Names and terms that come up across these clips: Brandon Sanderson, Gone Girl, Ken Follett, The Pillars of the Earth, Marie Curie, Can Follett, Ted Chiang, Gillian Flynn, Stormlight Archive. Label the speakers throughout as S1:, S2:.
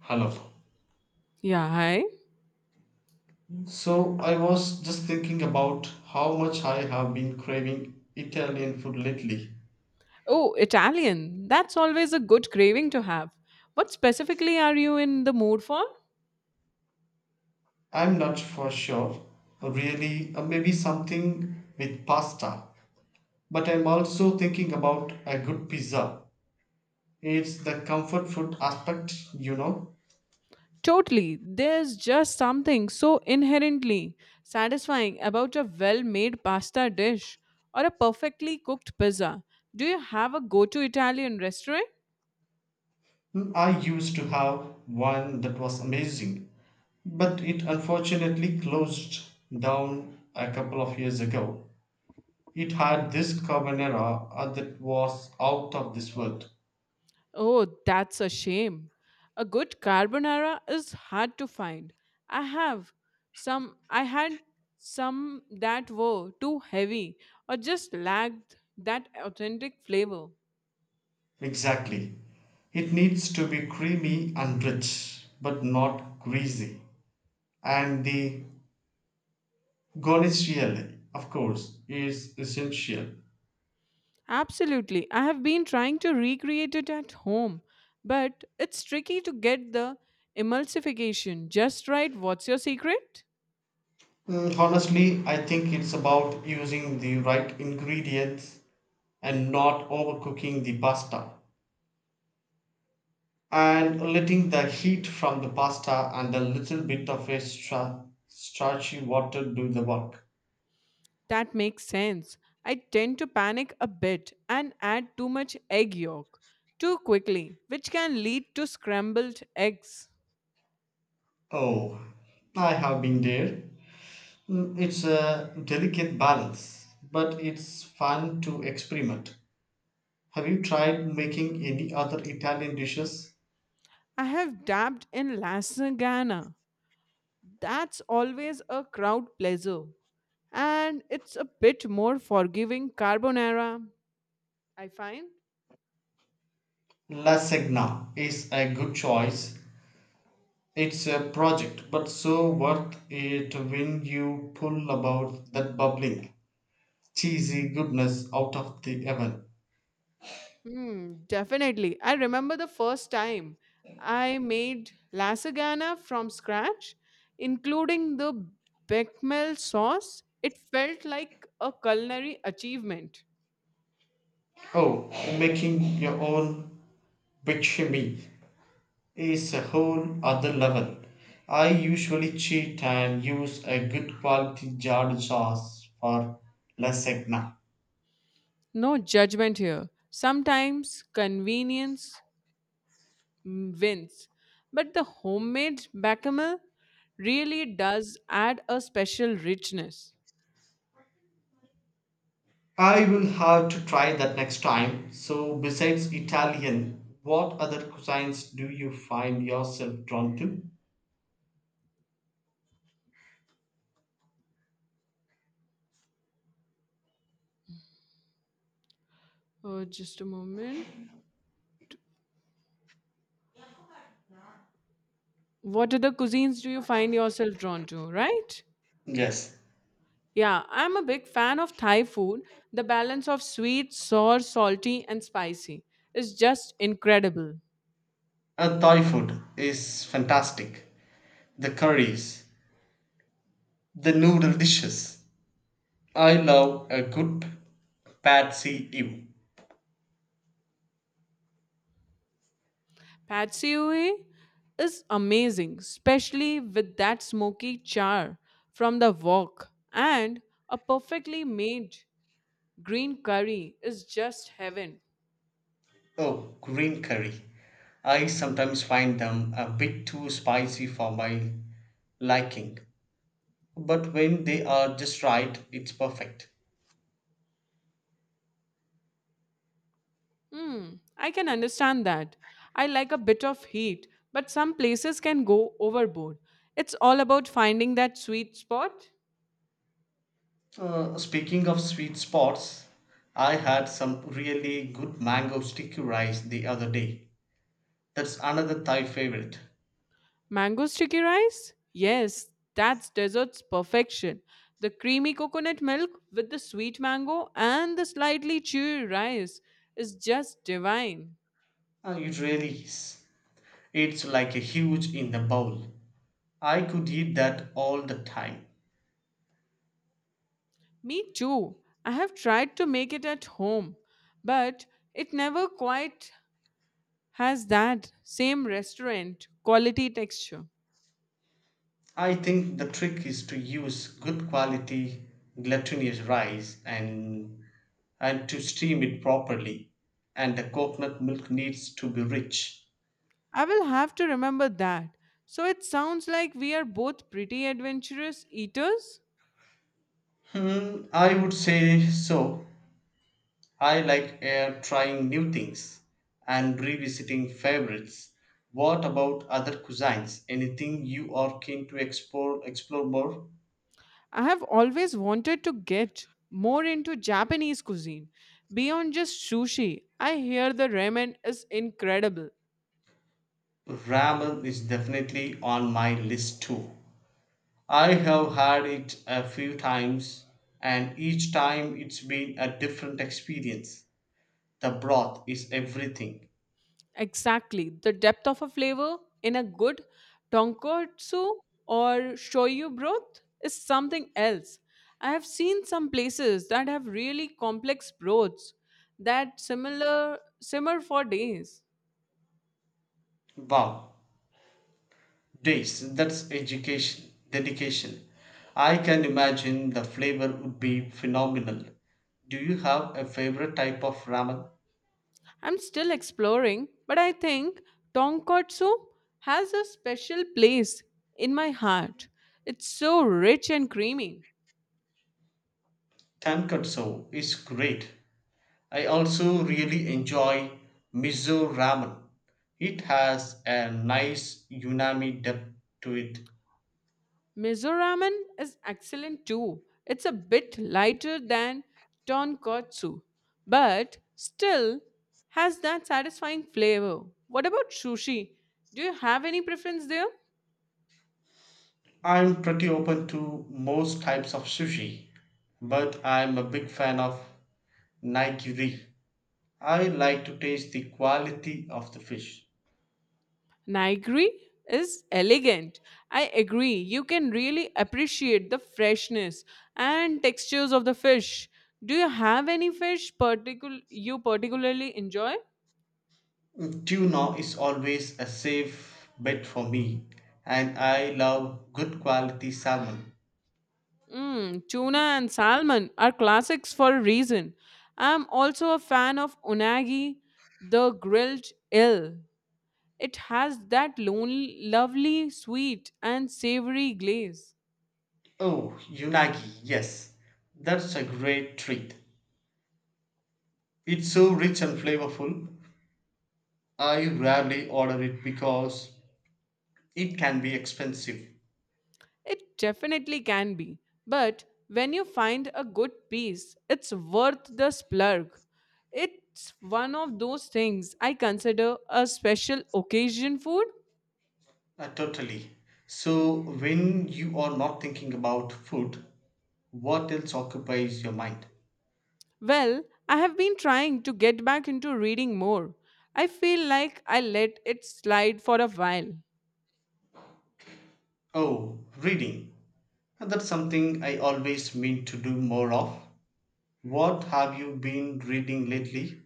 S1: Hello.
S2: Yeah, hi.
S1: So I was just thinking about how much I have been craving Italian food lately.
S2: Oh, Italian. That's always a good craving to have. What specifically are you in the mood for?
S1: I'm not for sure, really, maybe something with pasta. But I'm also thinking about a good pizza. It's the comfort food aspect.
S2: Totally. There's just something so inherently satisfying about a well made pasta dish or a perfectly cooked pizza. Do you have a go to Italian restaurant?
S1: I used to have one that was amazing, but it unfortunately closed down a couple of years ago. It had this carbonara that was out of this world.
S2: Oh, that's a shame. A good carbonara is hard to find. I have some, I had some that were too heavy or just lacked that authentic flavor.
S1: Exactly. It needs to be creamy and rich, but not greasy. And the guanciale, of course, is essential.
S2: Absolutely. I have been trying to recreate it at home, but it's tricky to get the emulsification just right. What's your secret?
S1: Honestly, I think it's about using the right ingredients and not overcooking the pasta and letting the heat from the pasta and a little bit of a starchy water do the work.
S2: That makes sense. I tend to panic a bit and add too much egg yolk too quickly, which can lead to scrambled eggs.
S1: Oh, I have been there. Mm. It's a delicate balance, but it's fun to experiment. Have you tried making any other Italian dishes?
S2: I have dabbed in lasagna. That's always a crowd pleaser. And it's a bit more forgiving carbonara, I find.
S1: Lasagna is a good choice. It's a project, but so worth it when you pull about that bubbling, cheesy goodness out of the oven.
S2: Mm, definitely. I remember the first time I made lasagna from scratch, including the bechamel sauce. It felt like a culinary achievement.
S1: Oh, making your own bechamel is a whole other level. I usually cheat and use a good quality jarred sauce for lasagna.
S2: No judgment here. Sometimes convenience wins, but the homemade bechamel really does add a special richness.
S1: I will have to try that next time. So, besides Italian, what other cuisines do you find yourself drawn to?
S2: Oh, just a moment. What other cuisines do you find yourself drawn to, right?
S1: Yes.
S2: Yeah, I'm a big fan of Thai food. The balance of sweet, sour, salty, and spicy is just incredible.
S1: Thai food is fantastic. The curries, the noodle dishes. I love a good pad see Ew.
S2: Pad see ew is amazing, especially with that smoky char from the wok. And a perfectly made green curry is just heaven.
S1: Oh, green curry. I sometimes find them a bit too spicy for my liking, but when they are just right, it's perfect.
S2: Hmm, I can understand that. I like a bit of heat, but some places can go overboard. It's all about finding that sweet spot.
S1: Speaking of sweet spots, I had some really good mango sticky rice the other day. That's another Thai favorite.
S2: Mango sticky rice? Yes, that's dessert's perfection. The creamy coconut milk with the sweet mango and the slightly chewy rice is just divine.
S1: It really is. It's like a huge in the bowl. I could eat that all the time.
S2: Me too. I have tried to make it at home, but it never quite has that same restaurant quality texture.
S1: I think the trick is to use good quality glutinous rice and to steam it properly and the coconut milk needs to be rich.
S2: I will have to remember that. So it sounds like we are both pretty adventurous eaters.
S1: Hmm, I would say so. I like trying new things and revisiting favorites. What about other cuisines? Anything you are keen to explore more?
S2: I have always wanted to get more into Japanese cuisine beyond just sushi. I hear the ramen is incredible.
S1: Ramen is definitely on my list too. I have had it a few times, and each time it's been a different experience. The broth is everything.
S2: Exactly. The depth of a flavor in a good tonkotsu or shoyu broth is something else. I have seen some places that have really complex broths that similar simmer for days.
S1: Wow, days, that's education, dedication. I can imagine the flavor would be phenomenal. Do you have a favorite type of ramen?
S2: I'm still exploring, but I think tonkatsu has a special place in my heart. It's so rich and creamy.
S1: Tonkatsu is great. I also really enjoy miso ramen. It has a nice unami depth to it.
S2: Miso ramen is excellent too. It's a bit lighter than tonkatsu, but still has that satisfying flavor. What about sushi? Do you have any preference there?
S1: I'm pretty open to most types of sushi, but I'm a big fan of nigiri. I like to taste the quality of the fish.
S2: Nigri is elegant. I agree. You can really appreciate the freshness and textures of the fish. Do you have any fish particular you particularly enjoy?
S1: Tuna is always a safe bet for me, and I love good quality salmon.
S2: Mm, tuna and salmon are classics for a reason. I'm also a fan of unagi, the grilled eel. It has that lonely, lovely, sweet, and savory glaze.
S1: Oh, unagi, yes, that's a great treat. It's so rich and flavorful. I rarely order it because it can be expensive.
S2: It definitely can be. But when you find a good piece, it's worth the splurge. It's one of those things I consider a special occasion food.
S1: Totally. So, when you are not thinking about food, what else occupies your mind?
S2: Well, I have been trying to get back into reading more. I feel like I let it slide for a while.
S1: Oh, reading. And that's something I always mean to do more of. What have you been reading lately?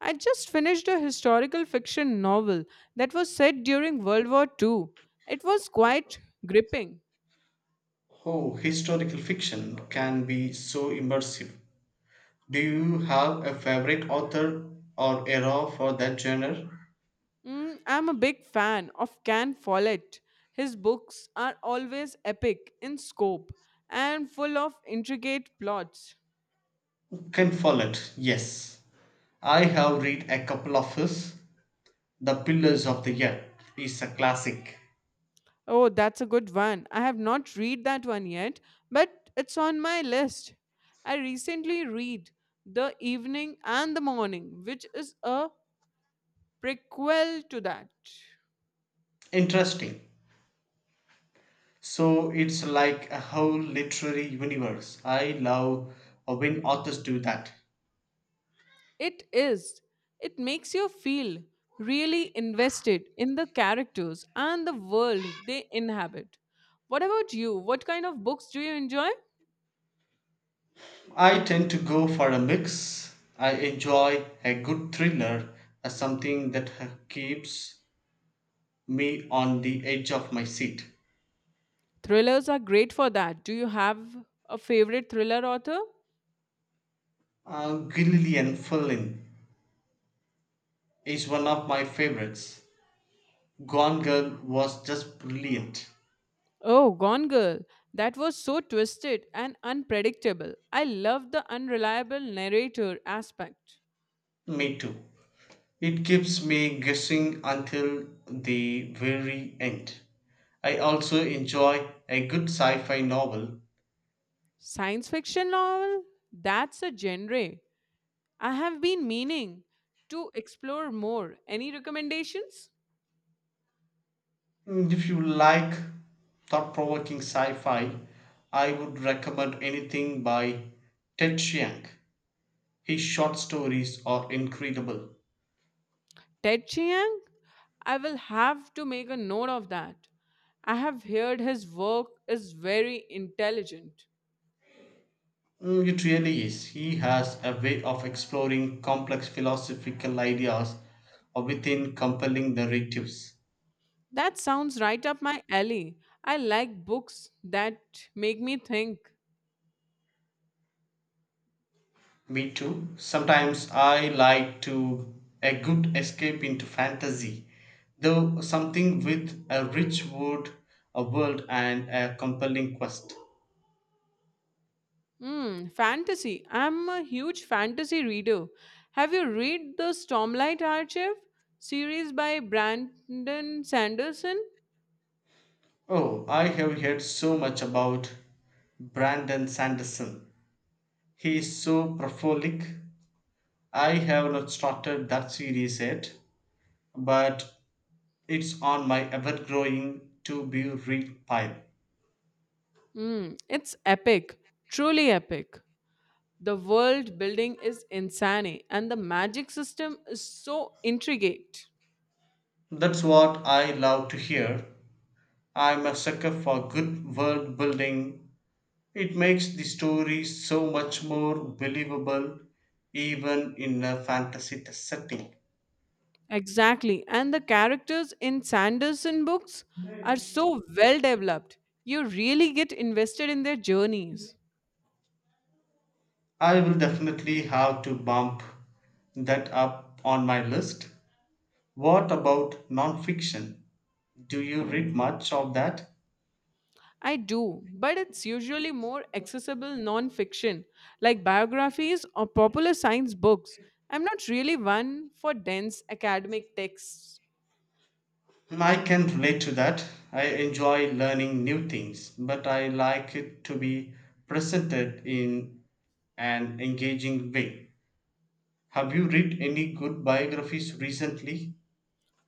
S2: I just finished a historical fiction novel that was set during World War II. It was quite gripping.
S1: Oh, historical fiction can be so immersive. Do you have a favorite author or era for that genre?
S2: Mm, I'm a big fan of Can Follett. His books are always epic in scope and full of intricate plots.
S1: Ken Follett, yes. I have read a couple of his. The Pillars of the Earth is a classic.
S2: Oh, that's a good one. I have not read that one yet, but it's on my list. I recently read The Evening and the Morning, which is a prequel to that.
S1: Interesting. So it's like a whole literary universe. I love when authors do that.
S2: It is. It makes you feel really invested in the characters and the world they inhabit. What about you? What kind of books do you enjoy?
S1: I tend to go for a mix. I enjoy a good thriller as something that keeps me on the edge of my seat.
S2: Thrillers are great for that. Do you have a favorite thriller author?
S1: Gillian Flynn is one of my favorites. Gone Girl was just brilliant.
S2: Oh, Gone Girl. That was so twisted and unpredictable. I love the unreliable narrator aspect.
S1: Me too. It keeps me guessing until the very end. I also enjoy a good sci fi novel.
S2: Science fiction novel? That's a genre I have been meaning to explore more. Any recommendations?
S1: If you like thought provoking sci fi, I would recommend anything by Ted Chiang. His short stories are incredible.
S2: Ted Chiang? I will have to make a note of that. I have heard his work is very intelligent.
S1: It really is. He has a way of exploring complex philosophical ideas within compelling narratives.
S2: That sounds right up my alley. I like books that make me think.
S1: Me too. Sometimes I like to a good escape into fantasy, though something with a rich wood, a world, and a compelling quest.
S2: Hmm, fantasy. I'm a huge fantasy reader. Have you read the Stormlight Archive series by Brandon Sanderson?
S1: Oh, I have heard so much about Brandon Sanderson. He is so prolific. I have not started that series yet, but it's on my ever growing to be read pile.
S2: Mm, it's epic, truly epic. The world building is insane, and the magic system is so intricate.
S1: That's what I love to hear. I'm a sucker for good world building. It makes the story so much more believable, even in a fantasy setting.
S2: Exactly, and the characters in Sanderson books are so well developed. You really get invested in their journeys.
S1: I will definitely have to bump that up on my list. What about nonfiction? Do you read much of that?
S2: I do, but it's usually more accessible non fiction, like biographies or popular science books. I'm not really one for dense academic texts.
S1: I can relate to that. I enjoy learning new things, but I like it to be presented in an engaging way. Have you read any good biographies recently?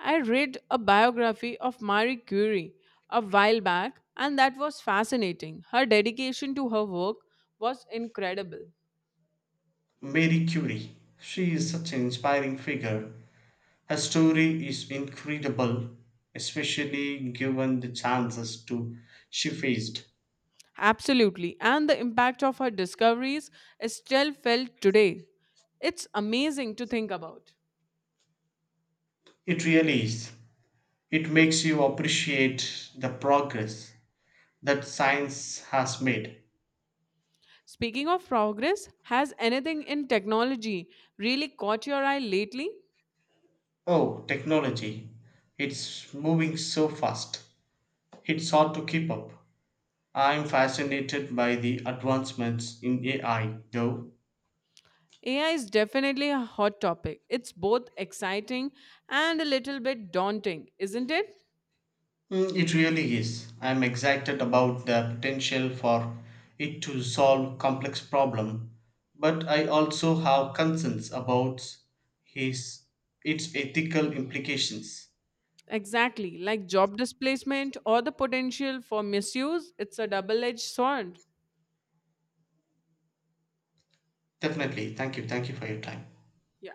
S2: I read a biography of Marie Curie a while back, and that was fascinating. Her dedication to her work was incredible.
S1: Marie Curie. She is such an inspiring figure. Her story is incredible, especially given the chances to she faced.
S2: Absolutely. And the impact of her discoveries is still felt today. It's amazing to think about.
S1: It really is. It makes you appreciate the progress that science has made.
S2: Speaking of progress, has anything in technology really caught your eye lately?
S1: Oh, technology. It's moving so fast. It's hard to keep up. I'm fascinated by the advancements in AI, though.
S2: AI is definitely a hot topic. It's both exciting and a little bit daunting, isn't it?
S1: It really is. I'm excited about the potential for it to solve complex problem, but I also have concerns about his its ethical implications.
S2: Exactly, like job displacement or the potential for misuse, it's a double edged sword.
S1: Definitely. Thank you. Thank you for your time.
S2: Yeah.